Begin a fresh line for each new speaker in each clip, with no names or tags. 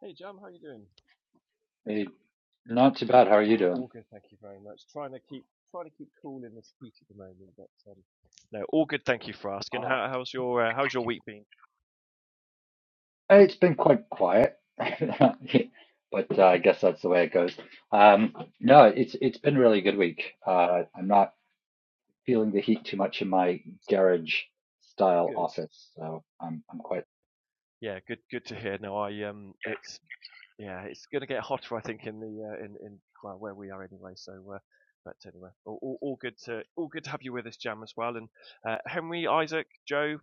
Hey, Jam, how you doing?
Hey, not too bad. How are you
Ah,
doing?
all good, thank you very much. Trying to keep trying to keep cool in this heat at the moment, but um, no, all good. Thank you for asking.
Uh,
How, how's your uh, how's your week been?
it's been quite quiet, but uh, I guess that's the way it goes. Um, no, it's it's been a really good week. Uh, I'm not feeling the heat too much in my garage style
Good.
office, so I'm I'm quite.
Yeah, good. Good to hear. No, I um, it's yeah, it's going to get hotter, I think, in the uh, in in well where we are anyway. So, uh, but anyway, all, all, all good to all good to have you with us, Jam, as well. And uh, Henry, Isaac, Joe,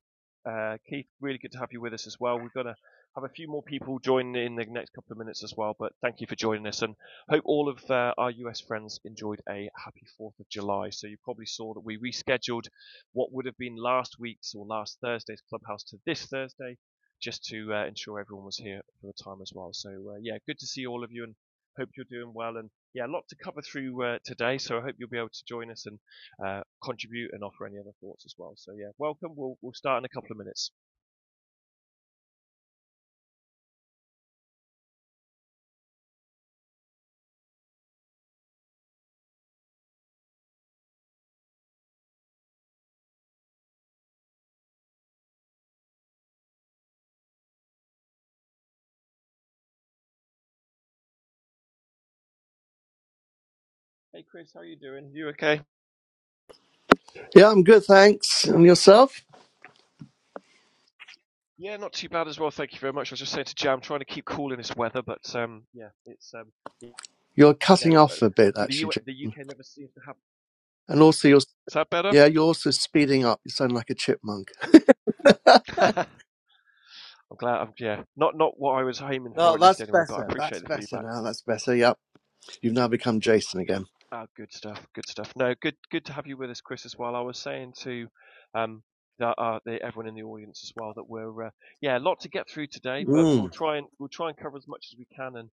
uh, Keith, really good to have you with us as well. We're going to have a few more people join in the next couple of minutes as well. But thank you for joining us, and hope all of uh, our US friends enjoyed a happy Fourth of July. So you probably saw that we rescheduled what would have been last week's or last Thursday's clubhouse to this Thursday just to uh, ensure everyone was here for the time as well. So uh, yeah, good to see all of you and hope you're doing well. And yeah, a lot to cover through uh, today. So I hope you'll be able to join us and uh, contribute and offer any other thoughts as well. So yeah, welcome. We'll we'll start in a couple of minutes. Hey Chris, how are you doing? You okay?
Yeah, I'm good, thanks. And yourself?
Yeah, not too bad as well. Thank you very much. I was just saying to Jam, I'm trying to keep cool in this weather, but um, yeah, it's um,
You're
yeah,
cutting
uh,
off a bit,
with the
actually,
U- the
Jason.
UK never seems to have.
And also, you're
Is that better?
yeah, you're also speeding up. You sound like a chipmunk.
I'm glad. I'm, yeah, not not what I was aiming for
No,
at least
that's
anyway, but I
better. That's
appreciate the
better
feedback.
now. That's better. Yep, you've now become Jason again.
Ah, good stuff. Good stuff. No, good. Good to have you with us, Chris, as well. I was saying to um, the, uh, the, everyone in the audience as well that we're uh, yeah, a lot to get through today, but we'll
Mm,
try and we'll try and cover as much as we can. And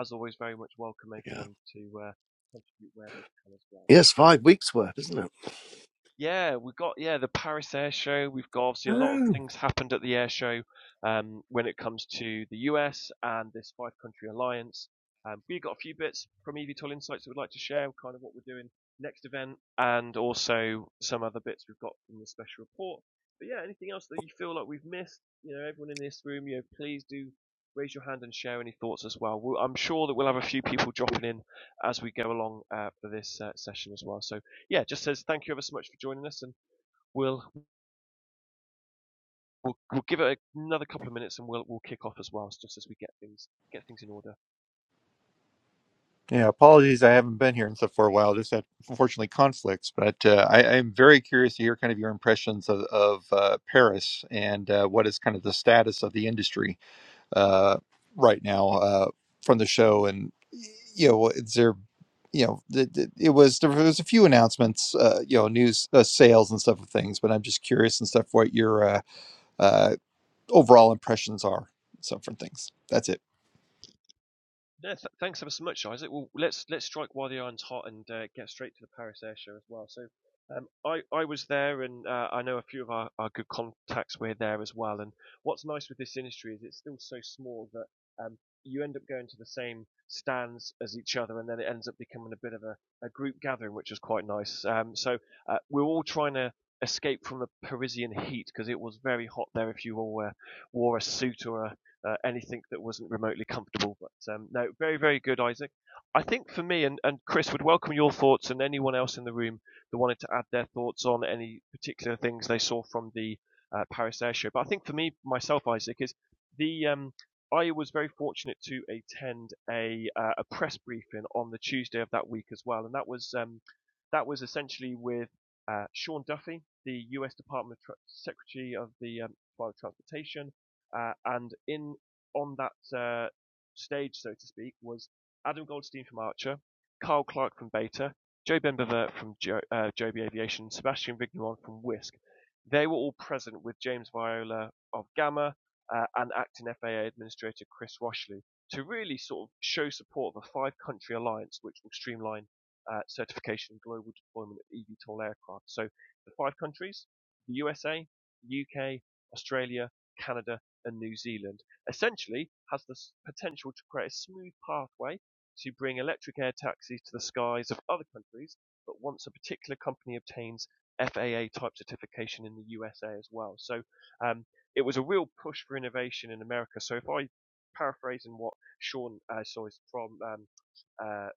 as always, very much welcome
yeah.
everyone to uh, contribute where they can as well.
Yes, five weeks worth, isn't it?
Yeah, we've got yeah the Paris Air Show. We've got obviously a lot of
Oh.
things happened at the air show um, when it comes to the US and this five country alliance. Um, we've got a few bits from EVTOL Insights that we'd like to share, kind of what we're doing next event, and also some other bits we've got in the special report. But yeah, anything else that you feel like we've missed? You know, everyone in this room, you know, please do raise your hand and share any thoughts as well. We'll I'm sure that we'll have a few people dropping in as we go along uh, for this uh, session as well. So yeah, just says thank you ever so much for joining us, and we'll we'll, we'll give it another couple of minutes, and we'll we'll kick off as well, just as we get things get things in order.
Yeah, apologies. I haven't been here and stuff for a while. Just had unfortunately conflicts, but uh, I, I'm very curious to hear kind of your impressions of, of uh, Paris and uh, what is kind of the status of the industry uh, right now uh, from the show. And you know, is there, you know, th th- it was there was a few announcements, uh, you know, news uh, sales and stuff of things. But I'm just curious and stuff what your uh, uh, overall impressions are, so from things. That's it.
No, th- thanks ever so much, Isaac. Well, let's let's strike while the iron's hot and uh, get straight to the Paris Air Show as well. So, um, I I was there, and uh, I know a few of our, our good contacts were there as well. And what's nice with this industry is it's still so small that um, you end up going to the same stands as each other, and then it ends up becoming a bit of a, a group gathering, which was quite nice. Um, so uh, we're all trying to escape from the Parisian heat because it was very hot there. If you all uh, wore a suit or a uh, anything that wasn't remotely comfortable. But um, no, very, very good, Isaac. I think for me and, and Chris would welcome your thoughts and anyone else in the room that wanted to add their thoughts on any particular things they saw from the uh, Paris Air Show. But I think for me, myself, Isaac, is the um, I was very fortunate to attend a uh, a press briefing on the Tuesday of that week as well, and that was um, that was essentially with uh, Sean Duffy, the U.S. Department of Tra- Secretary of the um, Department of Transportation, uh, and in on that uh, stage, so to speak, was Adam Goldstein from Archer, Carl Clark from Beta, Joe Benbevert from jo- uh, Joby Aviation, Sebastian Vigneron from Whisk. They were all present with James Viola of Gamma uh, and acting FAA Administrator Chris Washley to really sort of show support of a five country alliance which will streamline uh, certification and global deployment of eVTOL aircraft. So the five countries, the USA, UK, Australia, Canada, and New Zealand essentially has the potential to create a smooth pathway to bring electric air taxis to the skies of other countries, but once a particular company obtains FAA type certification in the USA as well. So um, it was a real push for innovation in America. So if I paraphrase in what Sean, uh, sorry, from um, uh,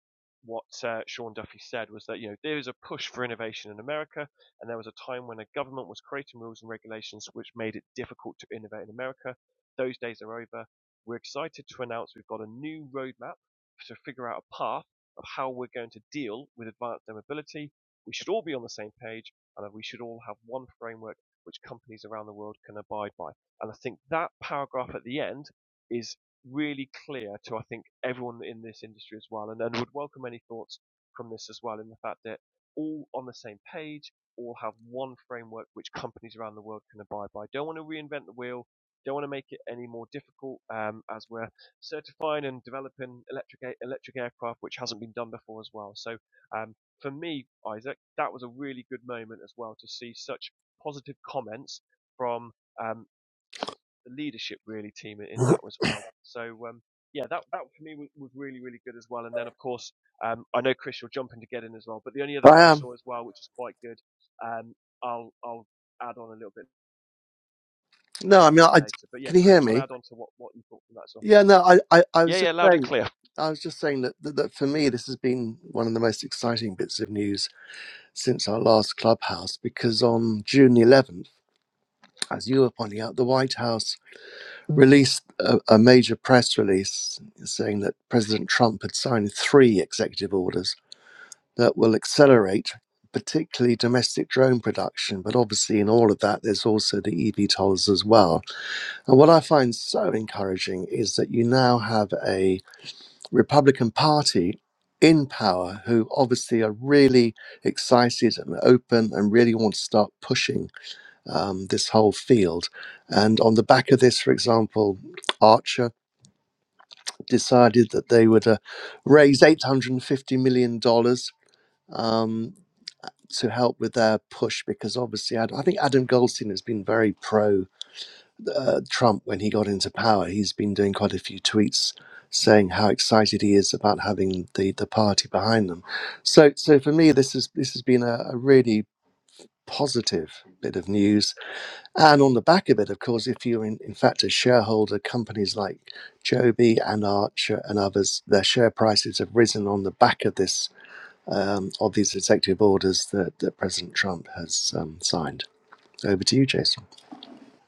what uh, Sean Duffy said was that you know there is a push for innovation in America, and there was a time when a government was creating rules and regulations which made it difficult to innovate in America. Those days are over. We're excited to announce we've got a new roadmap to figure out a path of how we're going to deal with advanced air We should all be on the same page and we should all have one framework which companies around the world can abide by. And I think that paragraph at the end is really clear to, I think, everyone in this industry as well. And, and would welcome any thoughts from this as well in the fact that all on the same page, all have one framework which companies around the world can abide by. Don't want to reinvent the wheel don't want to make it any more difficult um, as we're certifying and developing electric electric aircraft, which hasn't been done before as well. So um, for me, Isaac, that was a really good moment as well to see such positive comments from um, sort of the leadership really team in that as well. So um, yeah, that that for me was, was really really good as well. And then of course um, I know Chris, you're jumping to get in as well. But the only other
I
bit I
am.
saw as well, which is quite good, um, I'll I'll add on a little bit
No, I mean, I
later. But yeah,
can you
Chris,
hear
do you want
me?
to add on to what, what you thought from that song?
Yeah. No, I, I, I was
Yeah, yeah,
just
loud and
saying.
clear.
I was just saying that, that that for me, this has been one of the most exciting bits of news since our last clubhouse because on June 11th. as you were pointing out, the White House released a, a major press release saying that President Trump had signed three executive orders that will accelerate, particularly domestic drone production. But obviously, in all of that, there's also the eVTOLs as well. And what I find so encouraging is that you now have a Republican Party. In power, who obviously are really excited and open and really want to start pushing um, this whole field. And on the back of this, for example, Archer decided that they would uh, raise $850 million dollars um, to help with their push because obviously, Ad- I think Adam Goldstein has been very pro uh, Trump when he got into power. He's been doing quite a few tweets saying how excited he is about having the, the party behind them. So, so for me, this, is, this has been a, a really positive bit of news And on the back of it, of course, if you're in, in fact a shareholder, companies like Joby and Archer and others, their share prices have risen on the back of this um, of these executive orders that, that President Trump has um, signed. Over to you, Jason.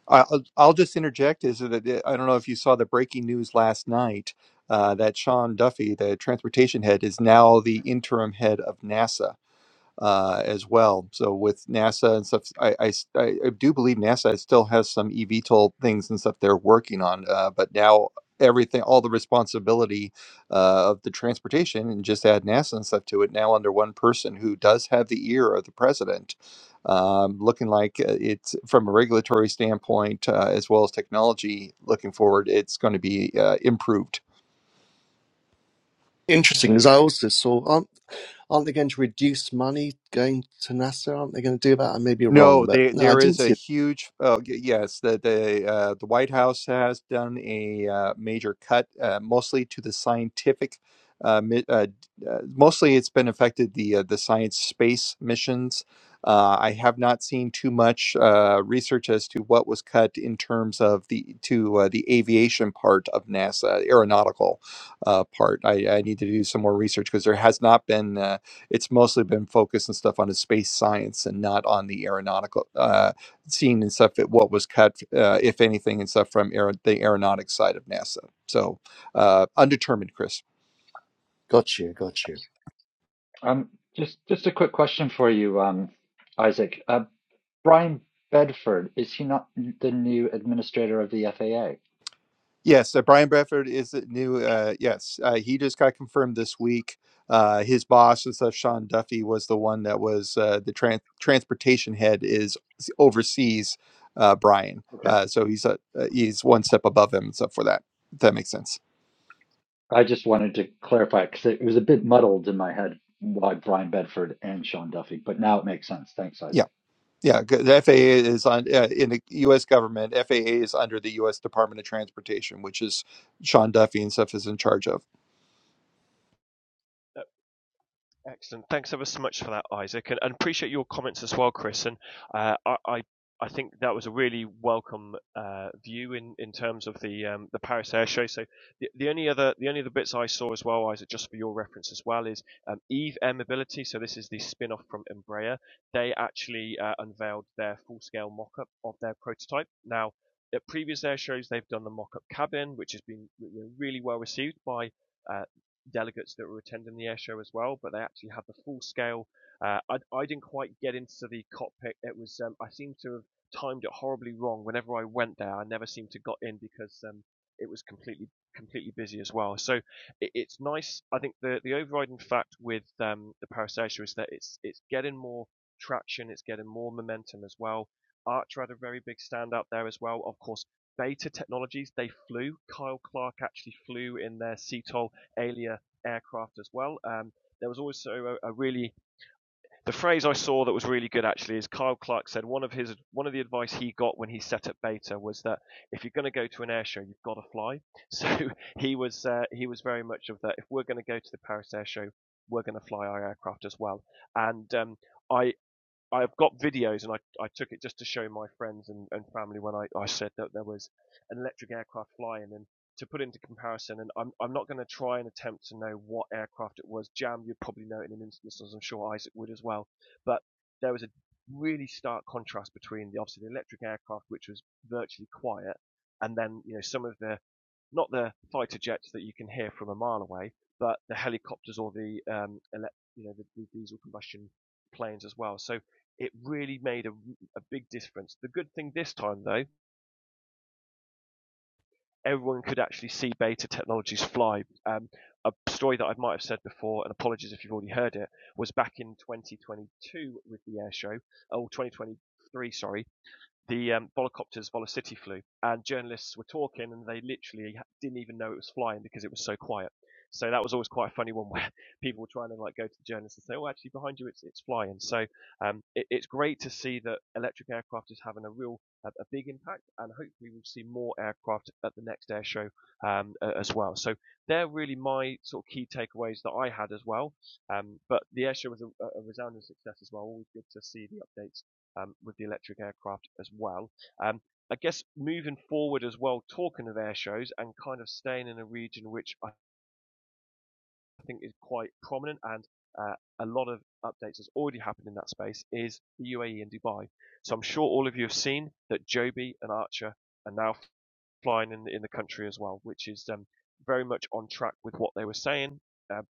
I- will I'll just interject is that uh, I don't know if you saw the breaking news last night uh, that Sean Duffy, the transportation head, is now the interim head of NASA uh, as well. So with NASA and stuff, I I I do believe NASA still has some eVTOL things and stuff they're working on, uh, but now everything, all the responsibility uh, of the transportation, and just add NASA and stuff to it now under one person who does have the ear of the president. Um, looking like uh, it's from a regulatory standpoint uh, as well as technology looking forward, it's going to be uh, improved
No,
Interesting, because I also saw aren't aren't they going to reduce money going to NASA? Aren't they going to do that? I may be wrong,
No,
but
there
no, I
there is
didn't
a
see. It.
huge oh y- yes the the uh, the White House has done a uh, major cut uh, mostly to the scientific uh, mi- uh, d- uh, mostly it's been affected the uh, the science space missions. Uh, I have not seen too much uh, research as to what was cut in terms of the to uh, the aviation part of NASA aeronautical uh, part. I, I need to do some more research because there has not been. Uh, it's mostly been focused and stuff on the space science and not on the aeronautical uh, scene and stuff. That what was cut, uh, if anything, and stuff from aer- the aeronautics side of NASA. So uh, undetermined, Chris.
Got you, got you.
Um, just just a quick question for you, um, Isaac. Uh, Brian Bedford, is he not the new administrator of the FAA?
Yes, uh, Brian Bradford is the new. Uh, yes, uh, he just got confirmed this week. Uh, his boss and stuff, Sean Duffy, was the one that was uh, the tran transportation head. Is oversees uh, Brian, uh, so he's a, uh, he's one step above him and stuff for that. If that makes sense.
I just wanted to clarify because it was a bit muddled in my head why Brian Bedford and Sean Duffy, but now it makes sense. Thanks,
Yeah.
Isaac.
Yeah, 'cause the FAA is on uh, in the U.S. government. FAA is under the U.S. Department of Transportation, which is Sean Duffy and stuff is in charge of.
Excellent. Thanks ever so much for that, Isaac, and, and appreciate your comments as well, Chris. And uh, I, I, I think that was a really welcome uh, view in, in terms of the um, the Paris Air Show. So the, the only other the only other bits I saw as well, Isaac, just for your reference as well, is um, Eve Air Mobility. So this is the spin off from Embraer. They actually uh, unveiled their full scale mock up of their prototype. Now. At previous air shows, they've done the mock-up cabin, which has been really well received by uh, delegates that were attending the air show as well, but they actually had the full scale. Uh, I, I didn't quite get into the cockpit. It was um, I seem to have timed it horribly wrong. Whenever I went there, I never seemed to got in because um, it was completely completely busy as well. So it, it's nice. I think the the overriding fact with um, the Parasatia is that it's it's getting more traction. It's getting more momentum as well. Archer had a very big stand out there as well. Of course, Beta Technologies they flew. Kyle Clark actually flew in their CTOL Alia aircraft as well. Um, there was also a, a really the phrase I saw that was really good actually is Kyle Clark said one of his one of the advice he got when he set up Beta was that if you're going to go to an air show you've got to fly. So he was uh, he was very much of that. If we're going to go to the Paris Air Show, we're going to fly our aircraft as well. And um, I I've got videos and I, I took it just to show my friends and, and family when I, I said that there was an electric aircraft flying and to put into comparison and I'm I'm not gonna try and attempt to know what aircraft it was. Jam you'd probably know in an instance as I'm sure Isaac would as well. But there was a really stark contrast between the obviously the electric aircraft which was virtually quiet and then, you know, some of the not the fighter jets that you can hear from a mile away, but the helicopters or the um, elec you know the, the diesel combustion planes as well. So it really made a, a big difference. The good thing this time though, everyone could actually see Beta Technologies fly. Um, a story that I might have said before, and apologies if you've already heard it, was back in 2022 with the air show, or 2023, sorry, the um, volocopters Volocity flew, and journalists were talking, and they literally didn't even know it was flying because it was so quiet. So that was always quite a funny one where people were trying to like go to the journalists and say, "Oh, actually, behind you, it's it's flying." So um, it, it's great to see that electric aircraft is having a real a, a big impact, and hopefully we'll see more aircraft at the next air show um, a- as well. So they're really my sort of key takeaways that I had as well. Um, but the air show was a, a resounding success as well. Always good to see the updates um, with the electric aircraft as well. Um, I guess moving forward as well, talking of air shows and kind of staying in a region which I I think is quite prominent and uh, a lot of updates that's already happened in that space is the UAE and Dubai. So I'm sure all of you have seen that Joby and Archer are now flying in, in the country as well, which is um, very much on track with what they were saying. Um,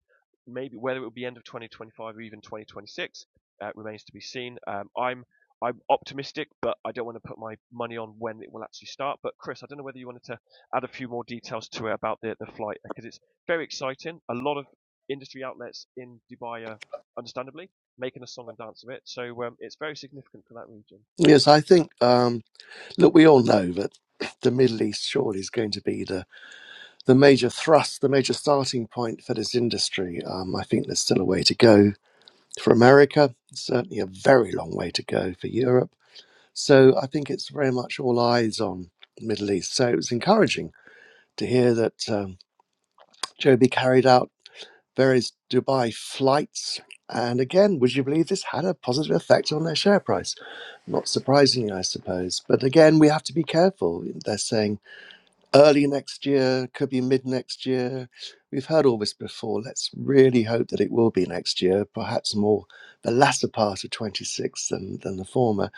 maybe whether it will be end of 2025 or even 2026 uh, remains to be seen. Um, I'm I'm optimistic, but I don't want to put my money on when it will actually start. But Chris, I don't know whether you wanted to add a few more details to it about the the flight because it's very exciting. A lot of industry outlets in Dubai are understandably making a song and dance of it. So um, it's very significant for that region.
Yes, I think, um, look, we all know that the Middle East surely is going to be the, the major thrust, the major starting point for this industry. Um, I think there's still a way to go for America, certainly a very long way to go for Europe. So I think it's very much all eyes on the Middle East. So it was encouraging to hear that um, Joby carried out. various Dubai flights. And again, would you believe this had a positive effect on their share price? Not surprisingly, I suppose. But again, we have to be careful. They're saying early next year, could be mid next year. We've heard all this before. Let's really hope that it will be next year, perhaps more the latter part of 26 than, than the former.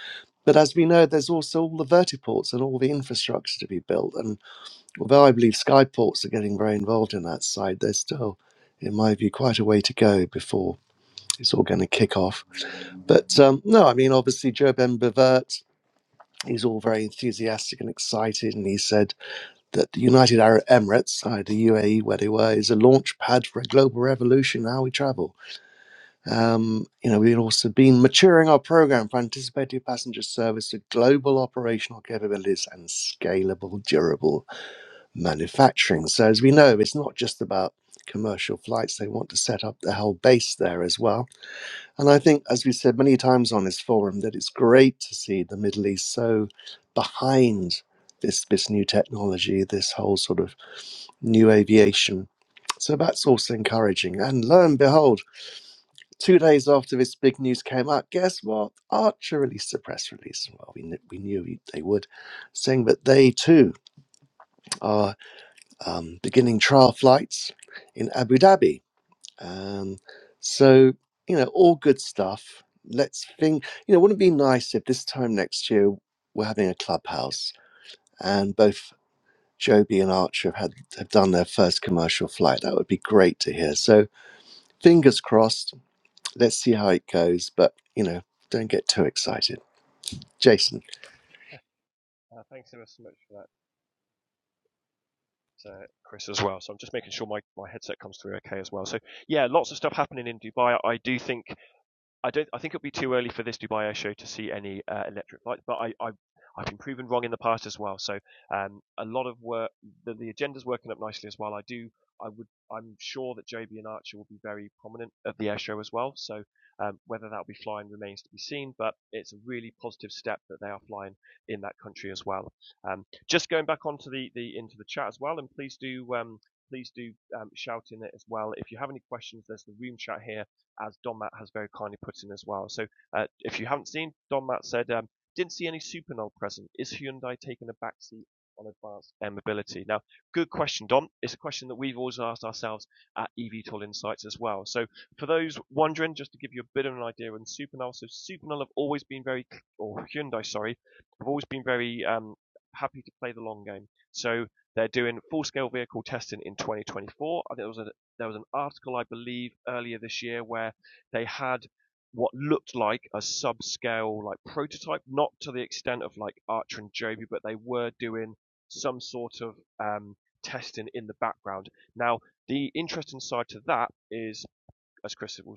But as we know, there's also all the vertiports and all the infrastructure to be built. And although I believe Skyports are getting very involved in that side, there's still, in my view, quite a way to go before it's all going to kick off. But um, no, I mean, obviously, Joe Ben Bevert, he's all very enthusiastic and excited. And he said that the United Arab Emirates, uh, the UAE, where they were, is a launch pad for a global revolution in how we travel. Um, you know, we've also been maturing our program for anticipated passenger service with global operational capabilities and scalable, durable manufacturing. So, as we know, it's not just about commercial flights, they want to set up the whole base there as well. And I think, as we said many times on this forum, that it's great to see the Middle East so behind this, this new technology, this whole sort of new aviation. So that's also encouraging. And lo and behold, two days after this big news came out, guess what? Archer released a press release. Well, we, kn- we knew they would, saying that they too are um, beginning trial flights in Abu Dhabi. Um, so, you know, all good stuff. Let's think, you know, wouldn't it be nice if this time next year we're having a clubhouse and both Joby and Archer have, had, have done their first commercial flight? That would be great to hear. So, fingers crossed. Let's see how it goes. But, you know, don't get too excited. Jason.
Uh, thanks ever so much for that, uh, Chris, as well. So I'm just making sure my, my headset comes through okay as well. So yeah, lots of stuff happening in Dubai. I do think I don't. I think it'll be too early for this Dubai Air Show to see any uh, electric flights, but I, I, I've been proven wrong in the past as well. So um, a lot of work. The, the agenda's working up nicely as well. I do. I would. I'm sure that JB and Archer will be very prominent at the air show as well. So um, whether that'll be flying remains to be seen. But it's a really positive step that they are flying in that country as well. Um, just going back onto the, the into the chat as well, and please do. Um, Please do um, shout in it as well. If you have any questions, there's the room chat here as Don Matt has very kindly put in as well. So uh, if you haven't seen, Don Matt said, um, didn't see any Supernal present. Is Hyundai taking a backseat on advanced air mobility? Now, good question, Don. It's a question that we've always asked ourselves at EVTOL Insights as well. So for those wondering, just to give you a bit of an idea on Supernal, so Supernal have always been very, or Hyundai, sorry, have always been very um, happy to play the long game. So they're doing full-scale vehicle testing in 2024. I think there was a, there was an article, I believe, earlier this year where they had what looked like a subscale like prototype, not to the extent of like Archer and Joby, but they were doing some sort of um, testing in the background. Now, the interesting side to that is, as Chris will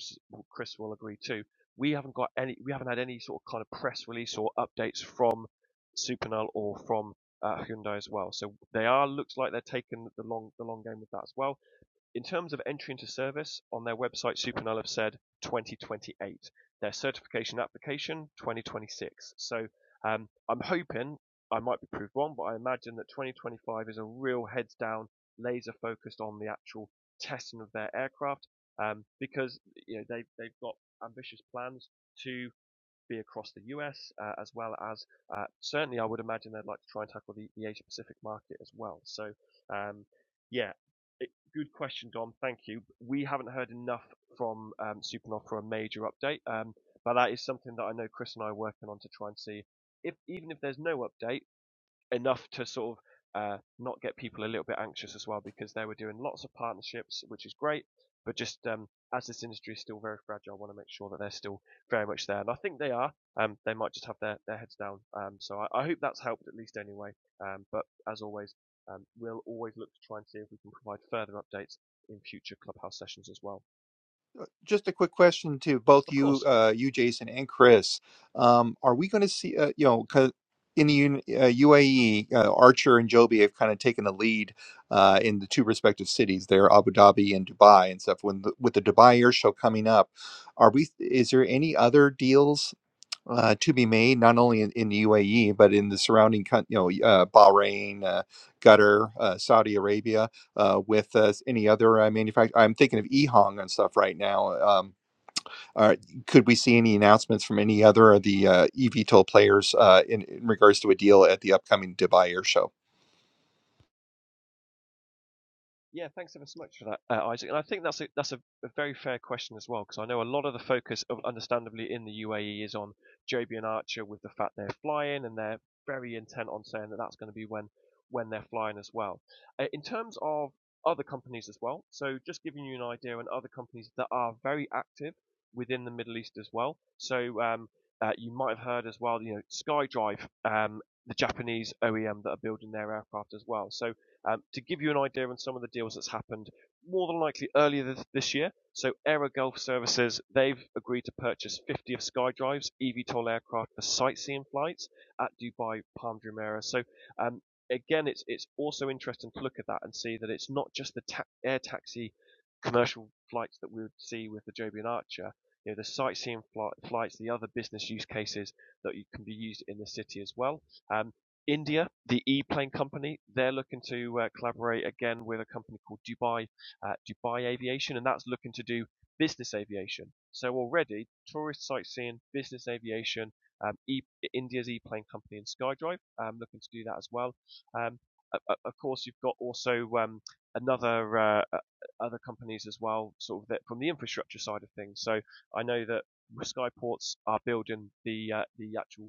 Chris will agree too, we haven't got any, we haven't had any sort of kind of press release or updates from Supernal or from uh, Hyundai as well. So they are looks like they're taking the long the long game with that as well in terms of entry into service, on their website, Supernal have said 2028. Their certification application 2026. So um, I'm hoping I might be proved wrong, but I imagine that 2025 is a real heads down, laser focused on the actual testing of their aircraft um, because you know they they've got ambitious plans to be across the U.S., uh, as well as uh, certainly I would imagine they'd like to try and tackle the, the Asia Pacific market as well. So, um, yeah, it, good question, Dom. Thank you. We haven't heard enough from um, Supernov for a major update, um, but that is something that I know Chris and I are working on to try and see if even if there's no update enough to sort of uh, not get people a little bit anxious as well because they were doing lots of partnerships, which is great. But just um, as this industry is still very fragile, I want to make sure that they're still very much there, and I think they are. Um, they might just have their, their heads down. Um, so I, I hope that's helped at least anyway. Um, but as always, um, we'll always look to try and see if we can provide further updates in future clubhouse sessions as well.
But Just a quick question to both
Of
you,
course,
uh, you Jason and Chris. Um, are we going to see, uh, you know, 'cause in the Un- uh, UAE, uh, Archer and Joby have kind of taken the lead uh, in the two respective cities there, Abu Dhabi and Dubai and stuff. When the, with the Dubai Air Show coming up, are we? Is there any other deals? uh, to be made, not only in, in the UAE but in the surrounding, coun- you know, uh, Bahrain, uh, Qatar, uh, Saudi Arabia, uh, with uh, any other uh, manufacturer. I'm thinking of EHong and stuff right now. Um, are, could we see any announcements from any other of the uh, eVTOL players uh, in, in regards to a deal at the upcoming Dubai Air Show?
Yeah, thanks ever so much for that, uh, Isaac. And I think that's a that's a, a very fair question as well, because I know a lot of the focus, of, understandably, in the UAE is on Joby and Archer with the fact they're flying, and they're very intent on saying that that's going to be when when they're flying as well. Uh, in terms of other companies as well, so just giving you an idea on other companies that are very active within the Middle East as well. So um, uh, you might have heard as well, you know, SkyDrive, um, the Japanese OEM that are building their aircraft as well. So um, to give you an idea on some of the deals that's happened, more than likely earlier this, this year, so Aero Gulf Services, they've agreed to purchase 50 of SkyDrive's eVTOL aircraft for sightseeing flights at Dubai Palm Jumeirah. So um, again, it's it's also interesting to look at that and see that it's not just the ta- air taxi commercial flights that we would see with the Joby and Archer. You know, the sightseeing fli- flights, the other business use cases that you can be used in the city as well. Um, India, the E-Plane company, they're looking to uh, collaborate again with a company called Dubai, uh, Dubai Aviation, and that's looking to do business aviation. So already, tourist sightseeing, business aviation, um, e- India's E-Plane company and SkyDrive, um, looking to do that as well. Um, o- of course, you've got also um, another uh, other companies as well, sort of that from the infrastructure side of things. So I know that Skyports are building the uh, the actual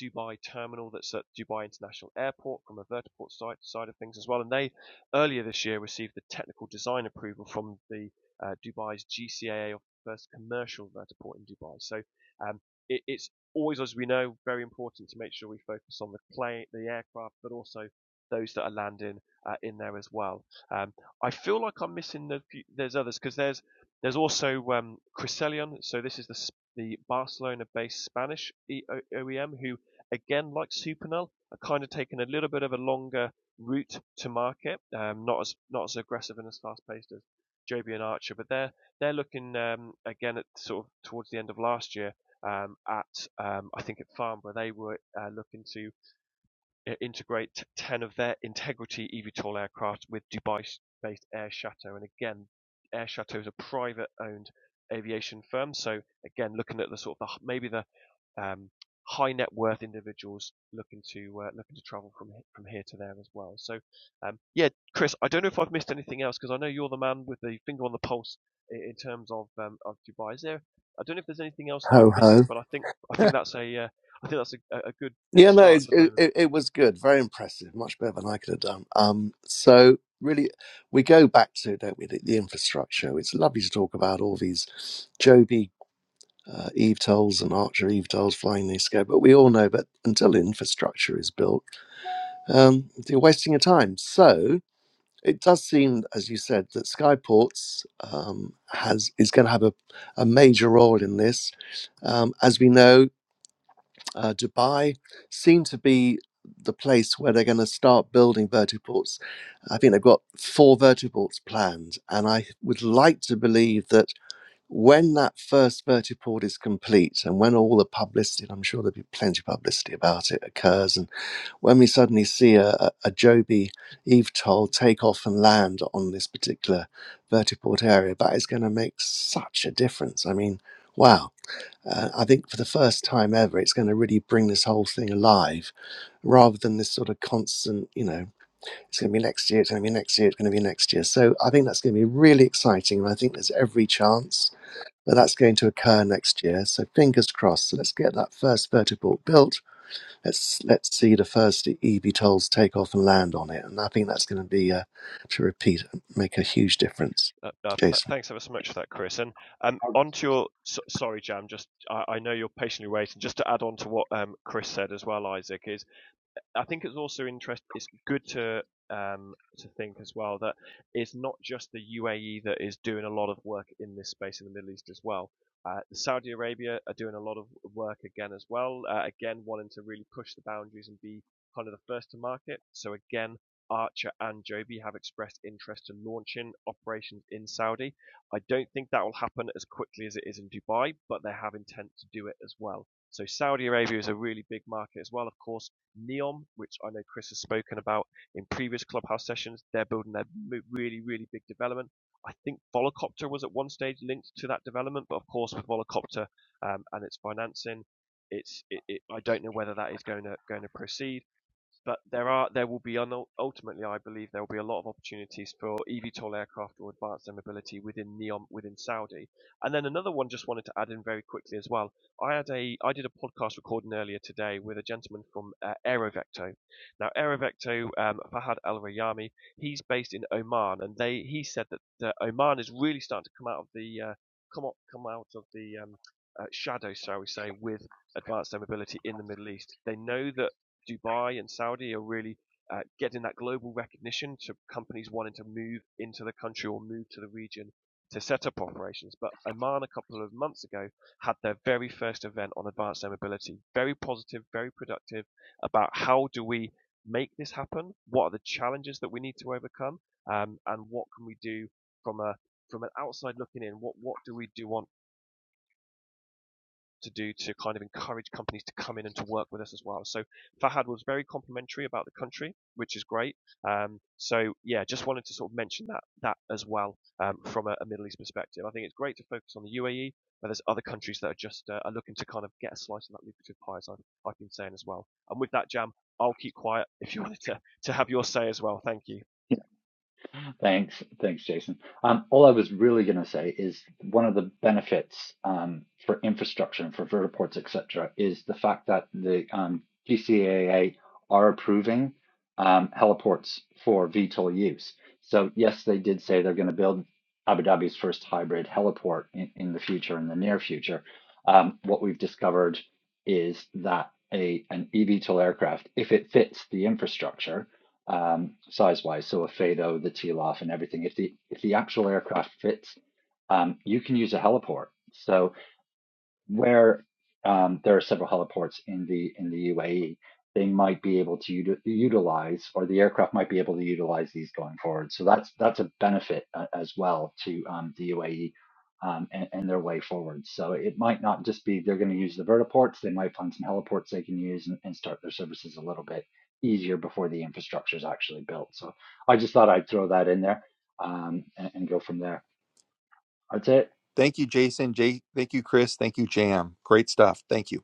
Dubai terminal that's at Dubai International Airport from a vertiport side, side of things as well. And they earlier this year received the technical design approval from the uh, Dubai's GCAA of the first commercial vertiport in Dubai. So um, it, it's always, as we know, very important to make sure we focus on the plane, the aircraft, but also those that are landing uh, in there as well. Um, I feel like I'm missing the few, there's others because there's there's also um, Crescelion. So this is the the Barcelona-based Spanish E- O- OEM who Again, like Supernal, are kind of taking a little bit of a longer route to market, um, not as not as aggressive and as fast paced as Joby and Archer, but they're they're looking um, again at sort of towards the end of last year um, at um, I think at Farnborough they were uh, looking to uh, integrate ten of their Integrity eVTOL aircraft with Dubai-based Air Chateau, and again, Air Chateau is a private-owned aviation firm, so again looking at the sort of the, maybe the um, high net worth individuals looking to uh, looking to travel from from here to there as well. So, um, yeah, Chris, I don't know if I've missed anything else because I know you're the man with the finger on the pulse in, in terms of um, of Dubai. Is there? I don't know if there's anything else that
Ho
I'm
ho.
missing, but I think I think that's a uh, I think that's a, a good good
Yeah, no,
start
it's,
at the
it,
moment.
it it was good, very impressive, much better than I could have done. Um, so really, we go back to don't we the, the infrastructure. It's lovely to talk about all these Joby uh, Eve tolls and Archer Eve tolls flying these go, but we all know that until the infrastructure is built, um, you're wasting your time. So it does seem, as you said, that Skyports um, has is going to have a, a major role in this. Um, as we know, uh, Dubai seem to be the place where they're going to start building vertiports. I think they've got four vertiports planned, and I would like to believe that when that first vertiport is complete and when all the publicity, and I'm sure there'll be plenty of publicity about it, occurs, and when we suddenly see a, a, a Joby Eve Toll take off and land on this particular vertiport area, that is going to make such a difference. I mean, wow. Uh, I think for the first time ever, it's going to really bring this whole thing alive rather than this sort of constant, you know, it's going to be next year, it's going to be next year, it's going to be next year. So I think that's going to be really exciting. And I think there's every chance that that's going to occur next year. So fingers crossed. So let's get that first vertiport built. Let's let's see the first eVTOLs take off and land on it. And I think that's going to be, uh, to repeat, make a huge difference.
Uh, uh, th-
Jason.
thanks ever so much for that, Chris. And um, on to your so, sorry, Jam. Just I, I know you're patiently waiting. Just to add on to what um, Chris said as well, Isaac is I think it's also interest. It's good to um, to think as well that it's not just the UAE that is doing a lot of work in this space in the Middle East as well. Uh, Saudi Arabia are doing a lot of work again as well. Uh, again, wanting to really push the boundaries and be kind of the first to market. So again, Archer and Joby have expressed interest in launching operations in Saudi. I don't think that will happen as quickly as it is in Dubai, but they have intent to do it as well. So Saudi Arabia is a really big market as well. Of course, Neom, which I know Chris has spoken about in previous Clubhouse sessions. They're building their mo- really, really big development. I think Volocopter was at one stage linked to that development, but of course with Volocopter um, and its financing, it's it, it, I don't know whether that is going to going to proceed. But there are, there will be, un- ultimately, I believe there will be a lot of opportunities for eVTOL aircraft or advanced air mobility within NEOM within Saudi. And then another one, just wanted to add in very quickly as well. I had a, I did a podcast recording earlier today with a gentleman from uh, Aerovecto. Now, Aerovecto, um, Fahad Al Rayami, he's based in Oman, and they, he said that, that Oman is really starting to come out of the, uh, come up, come out of the um, uh, shadow, shall we say, with advanced air mobility in the Middle East. They know that Dubai and Saudi are really uh, getting that global recognition to companies wanting to move into the country or move to the region to set up operations. But Oman, a couple of months ago, had their very first event on advanced air mobility. Very positive, very productive about how do we make this happen? What are the challenges that we need to overcome? Um, and what can we do from a from an outside looking in? What what do we do on to do to kind of encourage companies to come in and to work with us as well. So Fahad was very complimentary about the country, which is great. Um, so yeah, just wanted to sort of mention that that as well um, from a, a Middle East perspective. I think it's great to focus on the UAE, but there's other countries that are just uh, are looking to kind of get a slice of that lucrative pie, as I've, I've been saying as well. And with that, Jam, I'll keep quiet if you wanted to to have your say as well. Thank you.
Thanks. Thanks, Jason. Um, all I was really going to say is one of the benefits um, for infrastructure and for vertiports, et cetera, is the fact that the um, GCAA are approving um, heliports for VTOL use. So, yes, they did say they're going to build Abu Dhabi's first hybrid heliport in, in the future, in the near future. Um, what we've discovered is that a, an eVTOL aircraft, if it fits the infrastructure, um, size wise, so a FADO, the TLOF, and everything. If the if the actual aircraft fits, um, you can use a heliport. So where um, there are several heliports in the in the UAE, they might be able to uti- utilize, or the aircraft might be able to utilize these going forward. So that's that's a benefit uh, as well to um, the UAE um, and, and their way forward. So it might not just be they're going to use the vertiports; they might find some heliports they can use and, and start their services a little bit easier before the infrastructure is actually built. So I just thought I'd throw that in there um, and, and go from there. That's it.
Thank you, Jason. Jay, thank you, Chris. Thank you, Jam. Great stuff. Thank you.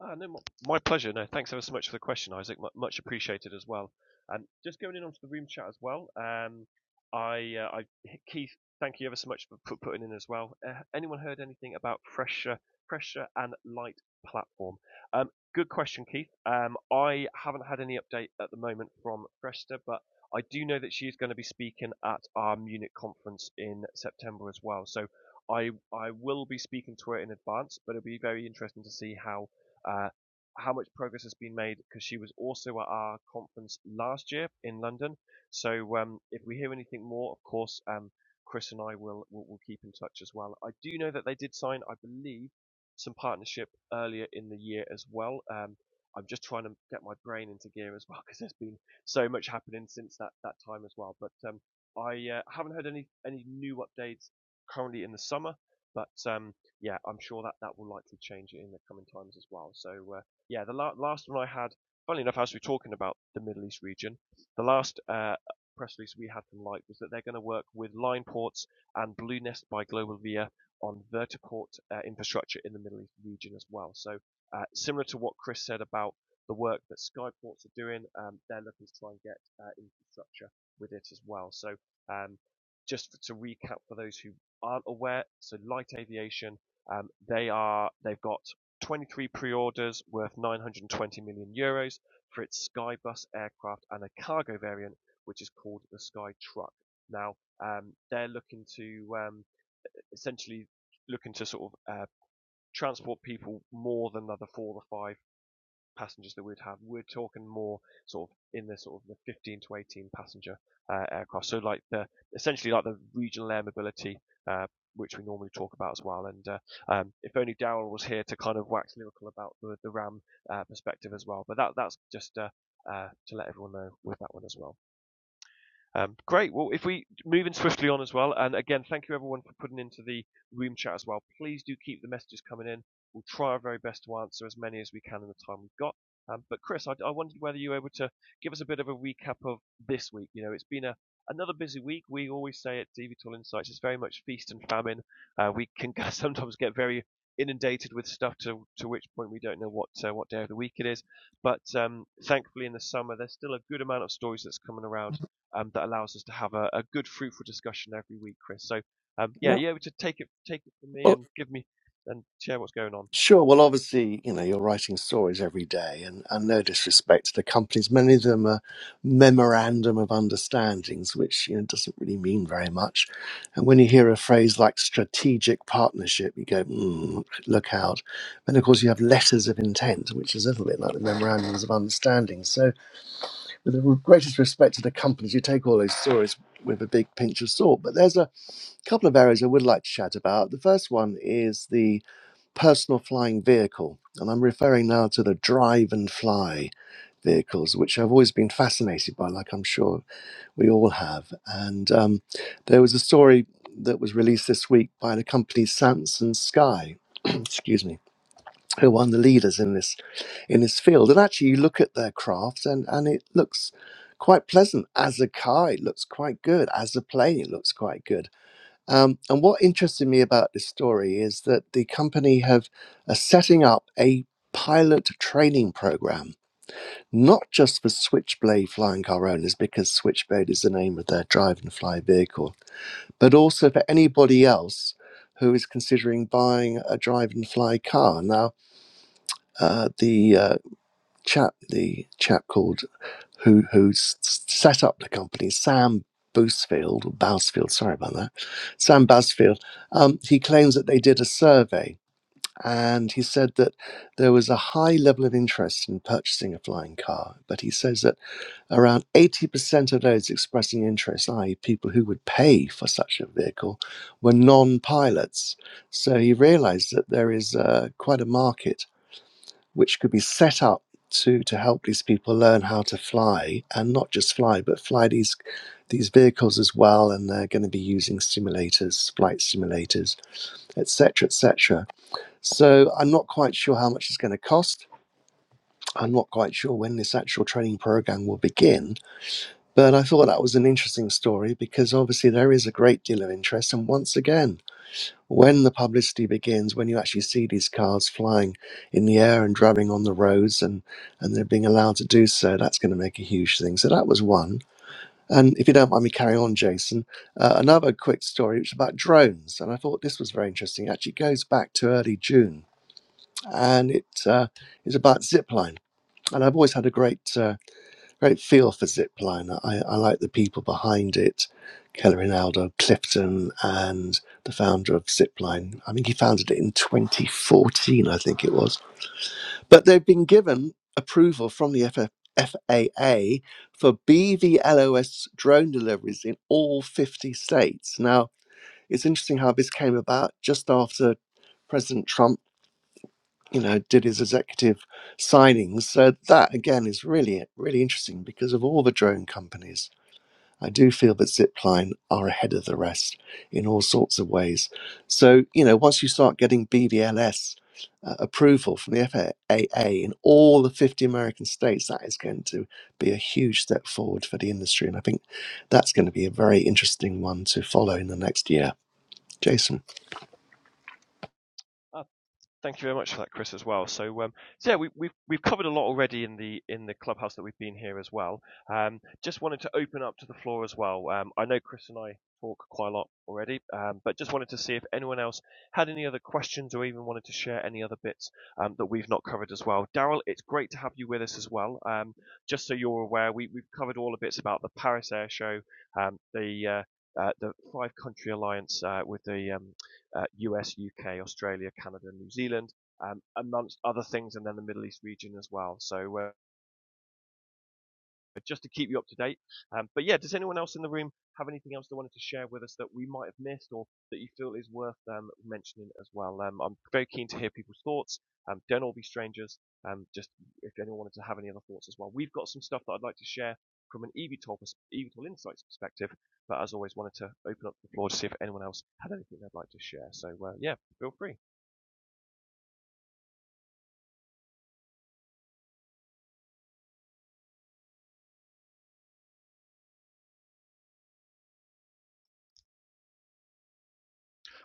Ah, no, my- pleasure. No, thanks ever so much for the question, Isaac. Mu much appreciated as well. And um, just going in onto the room chat as well. Um, I, uh, I, Keith, thank you ever so much for put, putting in as well. Uh, anyone heard anything about pressure, pressure and light platform? Um, good question, Keith. Um, I haven't had any update at the moment from Fresta, but I do know that she is going to be speaking at our Munich conference in September as well. So I, I will be speaking to her in advance, but it'll be very interesting to see how uh, how much progress has been made because she was also at our conference last year in London. So um, if we hear anything more, of course, um, Chris and I will, will will keep in touch as well. I do know that they did sign, I believe, some partnership earlier in the year as well. Um, I'm just trying to get my brain into gear as well because there's been so much happening since that, that time as well. But um, I uh, haven't heard any any new updates currently in the summer, but um, yeah, I'm sure that that will likely change in the coming times as well. So uh, yeah, the la- last one I had, funnily enough, as we're talking about the Middle East region, the last uh, press release we had from Light was that they're going to work with Line Ports and Blue Nest by Global Via on vertiport uh, infrastructure in the Middle East region as well. So uh, similar to what Chris said about the work that Skyports are doing, um, they're looking to try and get uh, infrastructure with it as well. So um, just to recap for those who aren't aware, so Light Aviation um, they are they've got 23 pre-orders worth 920 million euros for its Skybus aircraft and a cargo variant, which is called the Skytruck. Now um, they're looking to um, essentially looking to sort of uh, transport people more than the other four or the five passengers that we'd have, we're talking more sort of in the sort of the 15 to 18 passenger uh, aircraft. So like the essentially like the regional air mobility, uh, which we normally talk about as well. And uh, um, if only Daryl was here to kind of wax lyrical about the the RAM uh, perspective as well. But that that's just uh, uh, to let everyone know with that one as well. Um, great. Well, if we moving swiftly on as well, and again, thank you everyone for putting into the room chat as well. Please do keep the messages coming in. We'll try our very best to answer as many as we can in the time we've got. Um, but Chris, I, I wondered whether you were able to give us a bit of a recap of this week. You know, it's been a another busy week. We always say at DV Insights, it's very much feast and famine. Uh, we can sometimes get very inundated with stuff to to which point we don't know what uh, what day of the week it is. But um, thankfully, in the summer, there's still a good amount of stories that's coming around um, that allows us to have a, a good, fruitful discussion every week, Chris. So, um, yeah,
Yeah.
you're able to take it, take it from me
Well,
and give me and share what's going on.
Sure. Well, obviously, you know, you're writing stories every day, and, and no disrespect to the companies, many of them are memorandum of understandings, which you know doesn't really mean very much. And when you hear a phrase like strategic partnership, you go, mm, look out. And of course, you have letters of intent, which is a little bit like the memorandums of understanding. So, with the greatest respect to the companies, you take all those stories with a big pinch of salt. But there's a couple of areas I would like to chat about. The first one is the personal flying vehicle. And I'm referring now to the drive and fly vehicles, which I've always been fascinated by, like I'm sure we all have. And um, there was a story that was released this week by the company Samson Sky, excuse me, who are one of the leaders in this in this field. And actually, you look at their craft, and and it looks quite pleasant as a car. It looks quite good as a plane. It looks quite good. Um, and what interested me about this story is that the company have are setting up a pilot training program, not just for Switchblade flying car owners, because Switchblade is the name of their drive and fly vehicle, but also for anybody else who is considering buying a drive and fly car. Now, uh, the uh, chap, the chap called who who set up the company, Sam Boosfield, or Bousfield, sorry about that, Sam Bousfield, um, he claims that they did a survey and he said that there was a high level of interest in purchasing a flying car. But he says that around 80% of those expressing interest, i.e., people who would pay for such a vehicle, were non pilots. So he realized that there is uh, quite a market which could be set up to to help these people learn how to fly and not just fly but fly these these vehicles as well and they're going to be using simulators flight simulators etc etc so i'm not quite sure how much it's going to cost i'm not quite sure when this actual training program will begin but i thought that was an interesting story because obviously there is a great deal of interest and once again when the publicity begins, when you actually see these cars flying in the air and driving on the roads and, and they're being allowed to do so, that's going to make a huge thing. So that was one. And if you don't mind me carrying on, Jason, uh, another quick story which is about drones. And I thought this was very interesting. It actually goes back to early June and it uh, is about zipline. And I've always had a great uh, Great feel for Zipliner. I, I like the people behind it, Keller Rinaldo, Clifton, and the founder of Zipline. I think he founded it in 2014, I think it was. But they've been given approval from the FF, FAA for BVLOS drone deliveries in all 50 states. Now, it's interesting how this came about just after President Trump, you know, did his executive signings. So that again is really really interesting because of all the drone companies I do feel that Zipline are ahead of the rest in all sorts of ways. So, you know, once you start getting BDLS uh, approval from the FAA in all the 50 American states, that is going to be a huge step forward for the industry. And I think that's going to be a very interesting one to follow in the next year. Jason.
Thank you very much for that, Chris, as well. So, um, so yeah, we, we've we've covered a lot already in the in the clubhouse that we've been here as well. Um, just wanted to open up to the floor as well. Um, I know Chris and I talk quite a lot already, um, but just wanted to see if anyone else had any other questions or even wanted to share any other bits um, that we've not covered as well. Daryl, it's great to have you with us as well. Um, just so you're aware, we we've covered all the bits about the Paris Air Show, um, the uh, uh, the Five Country Alliance uh, with the um, uh, US, UK, Australia, Canada, and New Zealand, um, amongst other things, and then the Middle East region as well. So uh, just to keep you up to date. Um, but yeah, does anyone else in the room have anything else they wanted to share with us that we might have missed or that you feel is worth um, mentioning as well? Um, I'm very keen to hear people's thoughts. Um, don't all be strangers. Um, just if anyone wanted to have any other thoughts as well. We've got some stuff that I'd like to share from an eVTOL, pers- eVTOL Insights perspective, but as always, wanted to open up the floor to see if anyone else had anything they'd like to share. So uh, yeah, feel free.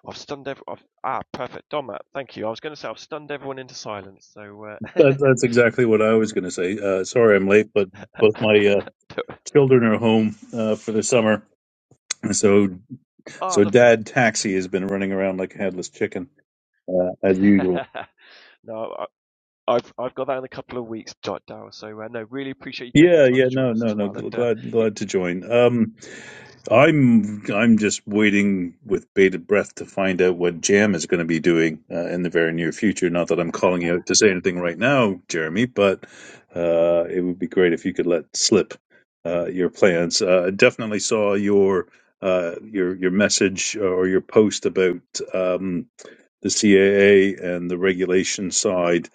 I've stunned every. I've, ah, perfect, Dom. Thank you. I was going to say I've stunned everyone into silence. So,
That, that's exactly what I was going to say. Uh, sorry, I'm late, but both
uh,
my uh, children are home uh, for the summer, so
ah,
so
lovely.
Dad Taxi has been running around like a headless chicken uh, as usual.
no, I, I've I've got that in a couple of weeks, Jot So, uh, no, really appreciate you taking
Yeah,
the time
yeah,
to join
no,
us
no,
as
no.
well.
gl-
And uh,
Glad, glad to join. Um, I'm, I'm just waiting with bated breath to find out what Jam is going to be doing uh, in the very near future. Not that I'm calling you out to say anything right now, Jeremy, but uh, it would be great if you could let slip uh, your plans. Uh, I definitely saw your uh, your your message or your post about. Um, the CAA and the regulation side,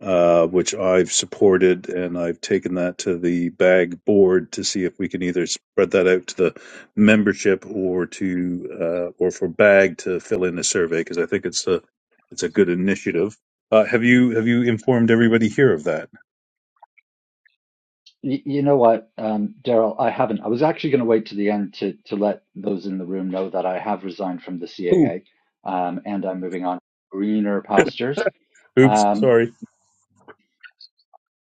uh, which I've supported, and I've taken that to the BAG board to see if we can either spread that out to the membership or to uh, or for BAG to fill in a survey because I think it's a it's a good initiative. Uh, have you have you informed everybody here of that?
Y- You know what, um, Daryl? I haven't. I was actually going to wait to the end to to let those in the room know that I have resigned from the
Oh,
CAA, um, and I'm moving on to greener pastures.
oops,
Um,
sorry.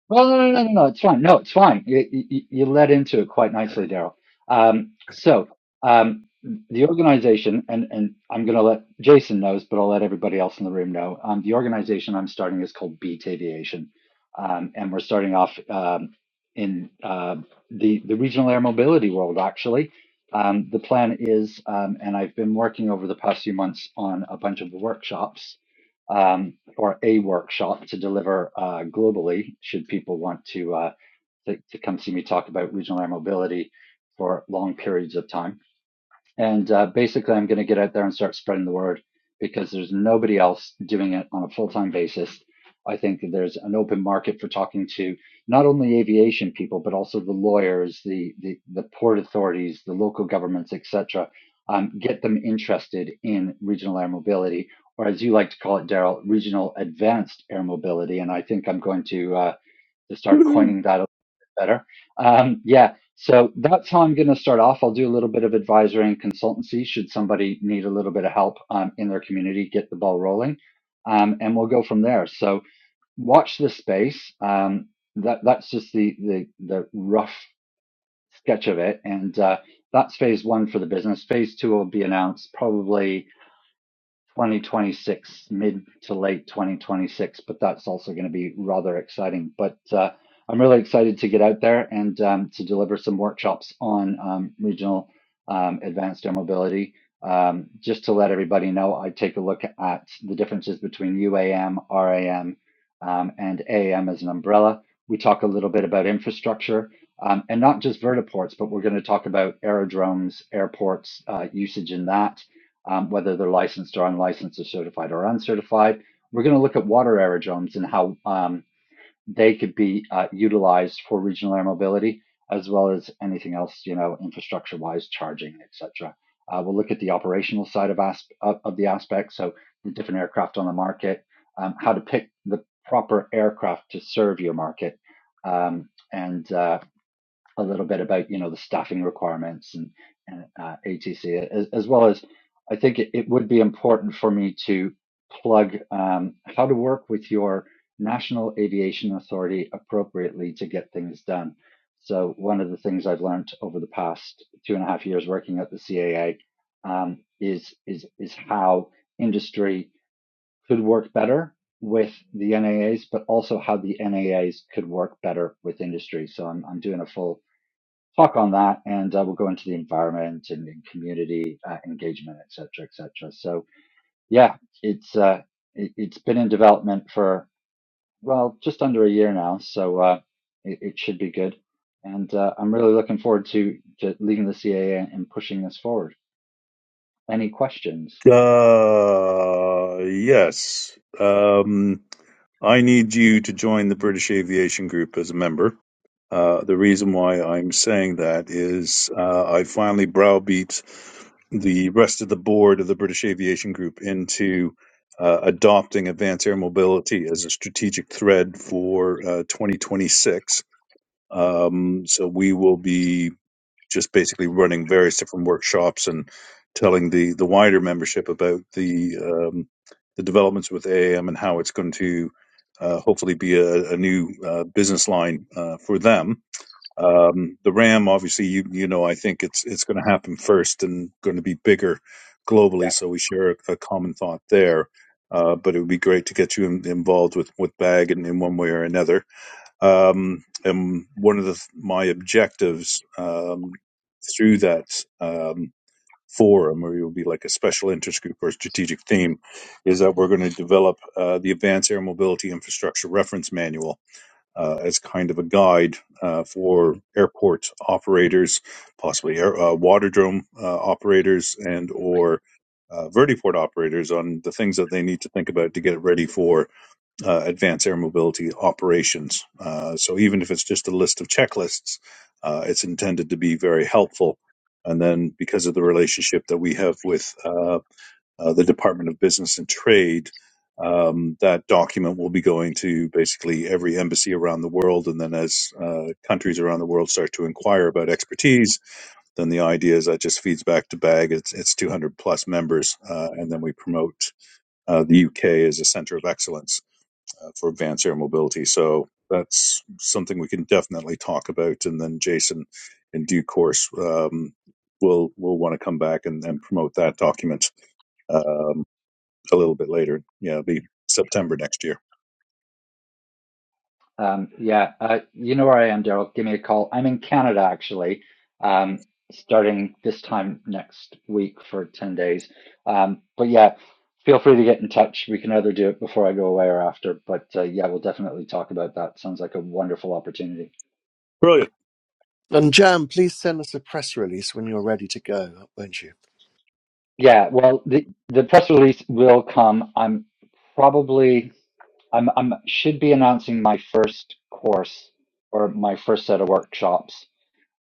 well, no, no, no, no, no, it's fine. No, it's fine. You, you, you led into it quite nicely, Daryl. Um, so um, the organization, and, and I'm going to let Jason knows, but I'll let everybody else in the room know. Um, the organization I'm starting is called Beat Aviation, um, and we're starting off um, in uh, the the regional air mobility world. Actually, um, the plan is, um, and I've been working over the past few months on a bunch of workshops. Um, or a workshop to deliver uh, globally should people want to, uh, to to come see me talk about regional air mobility for long periods of time. And uh, basically, I'm going to get out there and start spreading the word because there's nobody else doing it on a full time basis. I think that there's an open market for talking to not only aviation people, but also the lawyers, the, the, the port authorities, the local governments, etc. Um, get them interested in regional air mobility, or as you like to call it, Daryl, regional advanced air mobility. And I think I'm going to uh, to start
Woohoo.
coining that a little bit better. Um, yeah, so that's how I'm going to start off. I'll do a little bit of advisory and consultancy should somebody need a little bit of help um, in their community, get the ball rolling, um, and we'll go from there. So watch this space. Um, that that's just the the the rough sketch of it, and uh, that's phase one for the business. Phase two will be announced probably 2026, mid to late 2026, but that's also going to be rather exciting. But uh, I'm really excited to get out there and um, to deliver some workshops on um, regional um, advanced air mobility. Um, just to let everybody know, I take a look at the differences between UAM, RAM, um, and AM as an umbrella. We talk a little bit about infrastructure um, and not just vertiports, but we're going to talk about aerodromes, airports, uh, usage in that um, whether they're licensed or unlicensed or certified or uncertified. We're going to look at water aerodromes and how um, they could be uh, utilized for regional air mobility, as well as anything else, you know, infrastructure wise, charging, etc. Uh, we'll look at the operational side of, asp- of, of the aspect, so the different aircraft on the market, um, how to pick the proper aircraft to serve your market, um, and uh, a little bit about you know the staffing requirements and, and uh, ATC as, as well as I think it, it would be important for me to plug um, how to work with your national aviation authority appropriately to get things done. So one of the things I've learned over the past two and a half years working at the CAA um, is is is how industry could work better with the NAAs, but also how the NAAs could work better with industry. So I'm I'm doing a full talk on that, and uh, we'll go into the environment and, and community uh, engagement, et cetera, et cetera. So yeah, it's uh, it, it's been in development for well just under a year now, so uh, it, it should be good. And uh, I'm really looking forward to to leading the CAA and pushing this forward. Any questions?
Uh, yes. Um, I need you to join the British Aviation Group as a member. Uh, the reason why I'm saying that is uh, I finally browbeat the rest of the board of the British Aviation Group into uh, adopting advanced air mobility as a strategic thread for uh, 2026. Um, so we will be just basically running various different workshops and telling the, the wider membership about the um, the developments with AAM and how it's going to uh, hopefully be a, a new uh, business line uh, for them um, the RAM, obviously, you you know, I think it's it's going to happen first and going to be bigger globally, so we share a, a common thought there. Uh, but it would be great to get you in, involved with with Bag in, in one way or another. Um, and one of the, my objectives um, through that um, forum, where it will be like a special interest group or strategic theme, is that we're going to develop uh, the Advanced Air Mobility Infrastructure Reference Manual uh, as kind of a guide uh, for airport operators, possibly air, uh, waterdrome uh, operators and or uh, vertiport operators on the things that they need to think about to get ready for uh, advanced air mobility operations. Uh, so even if it's just a list of checklists, uh, it's intended to be very helpful. And then because of the relationship that we have with uh, uh, the Department of Business and Trade. Um, that document will be going to basically every embassy around the world. And then as uh, countries around the world start to inquire about expertise, then the idea is that just feeds back to BAG. It's, it's 200 plus members. Uh, and then we promote uh, the UK as a center of excellence uh, for advanced air mobility. So that's something we can definitely talk about. And then Jason, in due course, um, will will want to come back and, and promote that document Um, a little bit later. Yeah, it'll be September next year.
Um, yeah, uh, you know where I am, Daryl. Give me a call. I'm in Canada actually, um, starting this time next week for 10 days. Um, but yeah, feel free to get in touch. We can either do it before I go away or after. But uh, yeah, we'll definitely talk about that. Sounds like a wonderful opportunity.
Brilliant.
And Jan, please send us a press release when you're ready to go, won't you?
Yeah, well, the the press release will come. I'm probably I'm I'm should be announcing my first course or my first set of workshops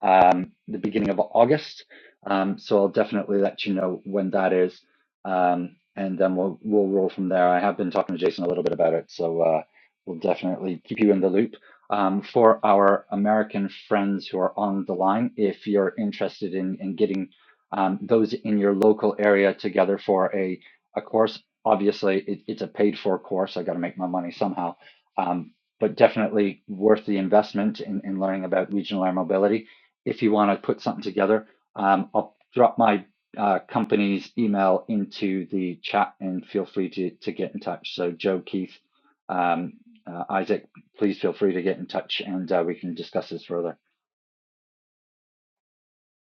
um, the beginning of August. Um, so I'll definitely let you know when that is, um, and then we'll we'll roll from there. I have been talking to Jason a little bit about it, so uh, we'll definitely keep you in the loop. Um, for our American friends who are on the line, if you're interested in in getting um, those in your local area together for a a course, obviously it, it's a paid for course. I got to make my money somehow. Um, but definitely worth the investment in, in learning about regional air mobility if you want to put something together. Um, I'll drop my uh, company's email into the chat and feel free to, to get in touch. So, Joe, Keith, um, uh, Isaac, please feel free to get in touch and uh, we can discuss this further.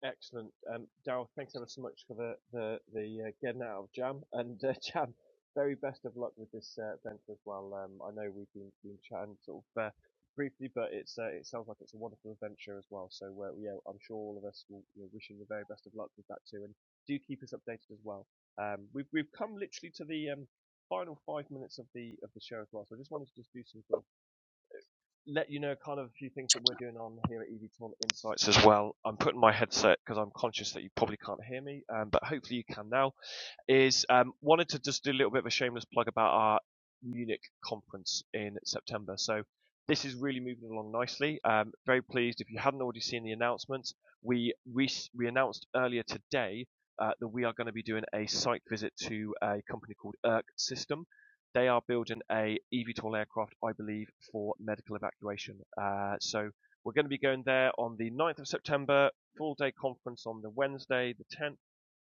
Excellent. Um, Daryl, thanks ever so much for the the the uh, getting out of jam and uh, jam. Very best of luck with this uh, venture as well. Um, I know we've been been chatting sort of uh, briefly, but it's uh, it sounds like it's a wonderful adventure as well. So uh, yeah, I'm sure all of us will you know, wish you the very best of luck with that too, and do keep us updated as well. Um, we've we've come literally to the um, final five minutes of the of the show as well, so I just wanted to just do some sort of let you know kind of a few things that we're doing on here at EVTOL Insights as well. I'm putting my headset because I'm conscious that you probably can't hear me, um, but hopefully you can now is um, wanted to just do a little bit of a shameless plug about our Munich conference in September. So this is really moving along nicely. Um, very pleased. If you hadn't already seen the announcements, we we we announced earlier today uh, that we are going to be doing a site visit to a company called ERC System. They are building a eVTOL aircraft, I believe, for medical evacuation. Uh, so we're going to be going there on the 9th of September, full day conference on the Wednesday, the 10th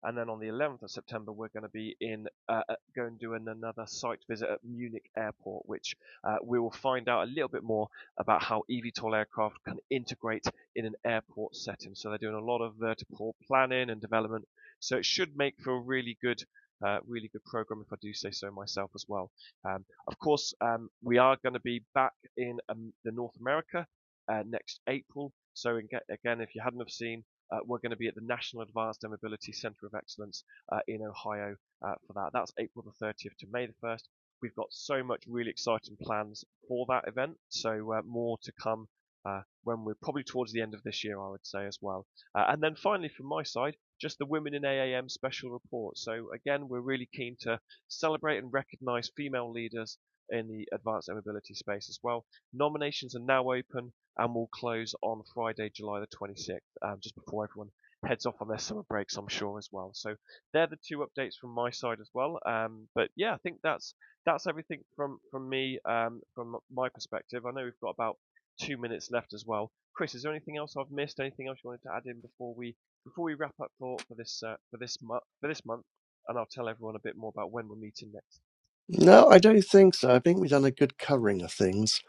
and then on the 11th of September, we're going to be in uh, uh, go and do another site visit at Munich Airport, which uh, we will find out a little bit more about how eVTOL aircraft can integrate in an airport setting. So they're doing a lot of vertical planning and development. So it should make for a really good. Uh, really good program, if I do say so myself as well. Um, of course, um, we are going to be back in um, the North America uh, next April. So again, if you hadn't have seen uh, we're going to be at the National Advanced Air Mobility Centre of Excellence uh, in Ohio uh, for that. That's April the 30th to May the 1st. We've got so much really exciting plans for that event, so uh, more to come uh, when we're probably towards the end of this year, I would say as well. Uh, and then finally, from my side, just the Women in AAM special report. So again, we're really keen to celebrate and recognise female leaders in the advanced air mobility space as well. Nominations are now open and will close on Friday, July the 26th, um, just before everyone heads off on their summer breaks, I'm sure as well. So they're the two updates from my side as well. Um, but yeah, I think that's that's everything from from me um, from my perspective. I know we've got about two minutes left as well. Chris, is there anything else I've missed? Anything else you wanted to add in before we before we wrap up for for this uh, for this month for this month? And I'll tell everyone a bit more about when we're meeting next.
No, I don't think so. I think we've done a good covering of things.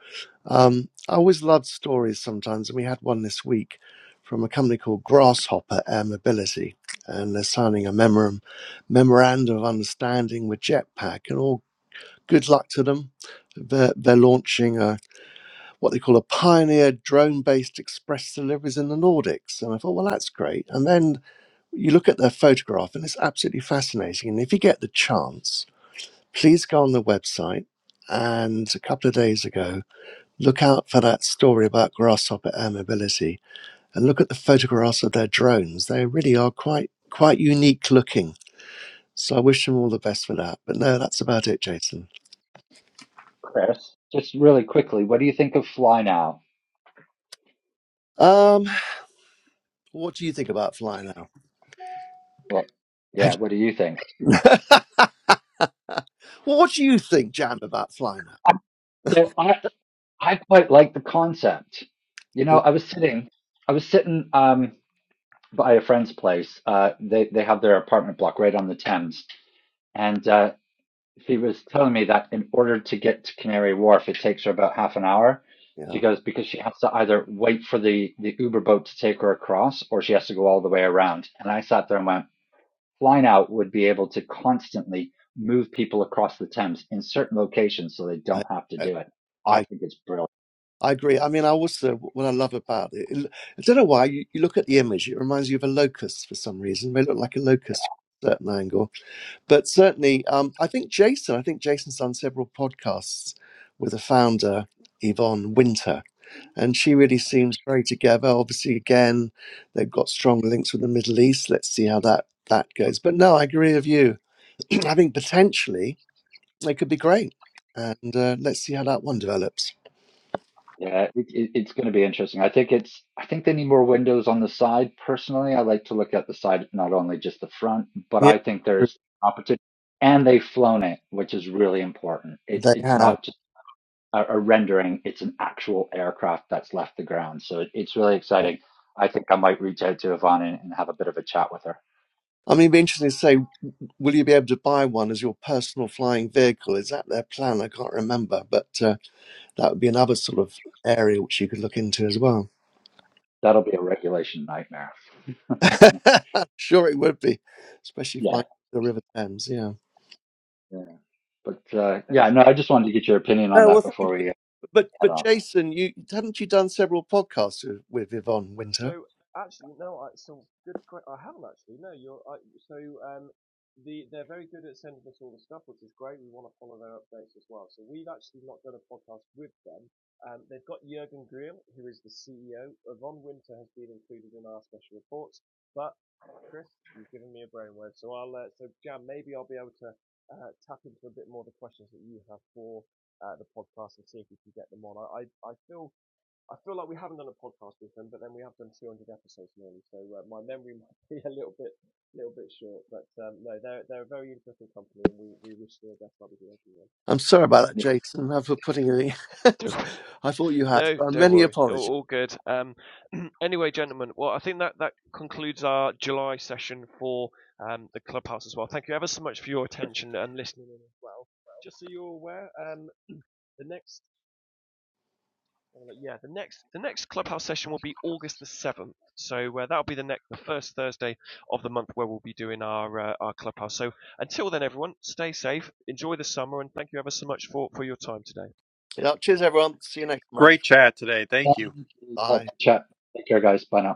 Um, I always love stories sometimes, and we had one this week from a company called Grasshopper Air Mobility, and they're signing a memorandum, memorandum of understanding with Jetpack, and all good luck to them. They're, they're launching a, what they call a pioneer drone based express deliveries in the Nordics. And I thought, well, that's great. And then you look at their photograph and it's absolutely fascinating. And if you get the chance, please go on the website. And a couple of days ago, look out for that story about grasshopper air mobility and look at the photographs of their drones. They really are quite, quite unique looking. So I wish them all the best for that. But no, that's about it, Jason.
Chris. Just really quickly, what do you think of FlyNow?
Um, What do you think about Fly Now?
Well, yeah, what do you think?
well, what do you think, Jan, about Fly
So I I quite like the concept. You know,
Now?
I was sitting I was sitting um by a friend's place. Uh they they have their apartment block right on the Thames. And uh, she was telling me that in order to get to Canary Wharf, it takes her about half an hour. She
Yeah,
goes because she has to either wait for the the Uber boat to take her across, or she has to go all the way around. And I sat there and went, Flying Out would be able to constantly move people across the Thames in certain locations, so they
I,
don't have to
I,
do it. I
I
think it's brilliant.
I agree. I mean, I also what I love about it. it I don't know why you, you look at the image; it reminds you of a locust for some reason. They look like a locust from a certain angle. but certainly um, i think jason i think jason's done several podcasts with the founder yvonne winter and she really seems very together obviously again they've got strong links with the middle east let's see how that that goes but no i agree with you i think potentially they could be great and uh, let's see how that one develops
Yeah, it, it, it's going to be interesting. I think it's, I think they need more windows on the side. Personally, I like to look at the side, not only just the front, but
yeah
I think there's opportunity. And they've flown it, which is really important. It's
they
it's
have
not just a, a rendering; it's an actual aircraft that's left the ground. So it, it's really exciting. I think I might reach out to Yvonne and, and have a bit of a chat with her.
I mean, it'd be interesting to say, will you be able to buy one as your personal flying vehicle? Is that their plan? I can't remember, but uh, That would be another sort of area which you could look into as well.
That'll be a regulation nightmare.
sure, it would be, especially
Yeah,
flying the River Thames. Yeah.
yeah. But uh, yeah, no,
Excellent.
I just wanted to get your opinion on
No, well,
that
thank
before
you.
we
But
head
but
off.
Jason, you had not you done several podcasts with, with Yvonne Winter?
So actually, no, I, some good. que- I haven't actually. No, you're. I, so um, the they're very good at sending us all the stuff, which is great. We want to follow their updates as well. So we've actually not done a podcast with them. Um, they've got Jurgen Grill, who is the CEO. Yvonne Winter has been included in our special reports, but Chris, you've given me a brainwave. So I'll. Uh, so Jan, maybe I'll be able to uh, tap into a bit more of the questions that you have for uh, the podcast and see if we can get them on. I I, I feel I feel like we haven't done a podcast with them, but then we have done 200 episodes nearly, so uh, my memory might be a little bit, little bit short. But um, no, they're they're a very interesting company, and we, we wish them the best like we do everyone.
I'm sorry about that, Jason. I'm for putting you. I thought you had.
No,
So
don't
many
worry.
apologies.
All, all good. Um, anyway, gentlemen, well, I think that, that concludes our July session for um, the clubhouse as well. Thank you ever so much for your attention and listening in as well. Just so you're aware, um, the next Well, Uh, but yeah, the next the next clubhouse session will be August the seventh. So uh, that'll be the next the first Thursday of the month where we'll be doing our uh, our clubhouse. So until then, everyone, stay safe, enjoy the summer, and thank you ever so much for for your time today.
Yeah, cheers, everyone. See you next month.
Great chat today. Thank you.
Um,
Bye.
that's the chat. Take care, guys. Bye now.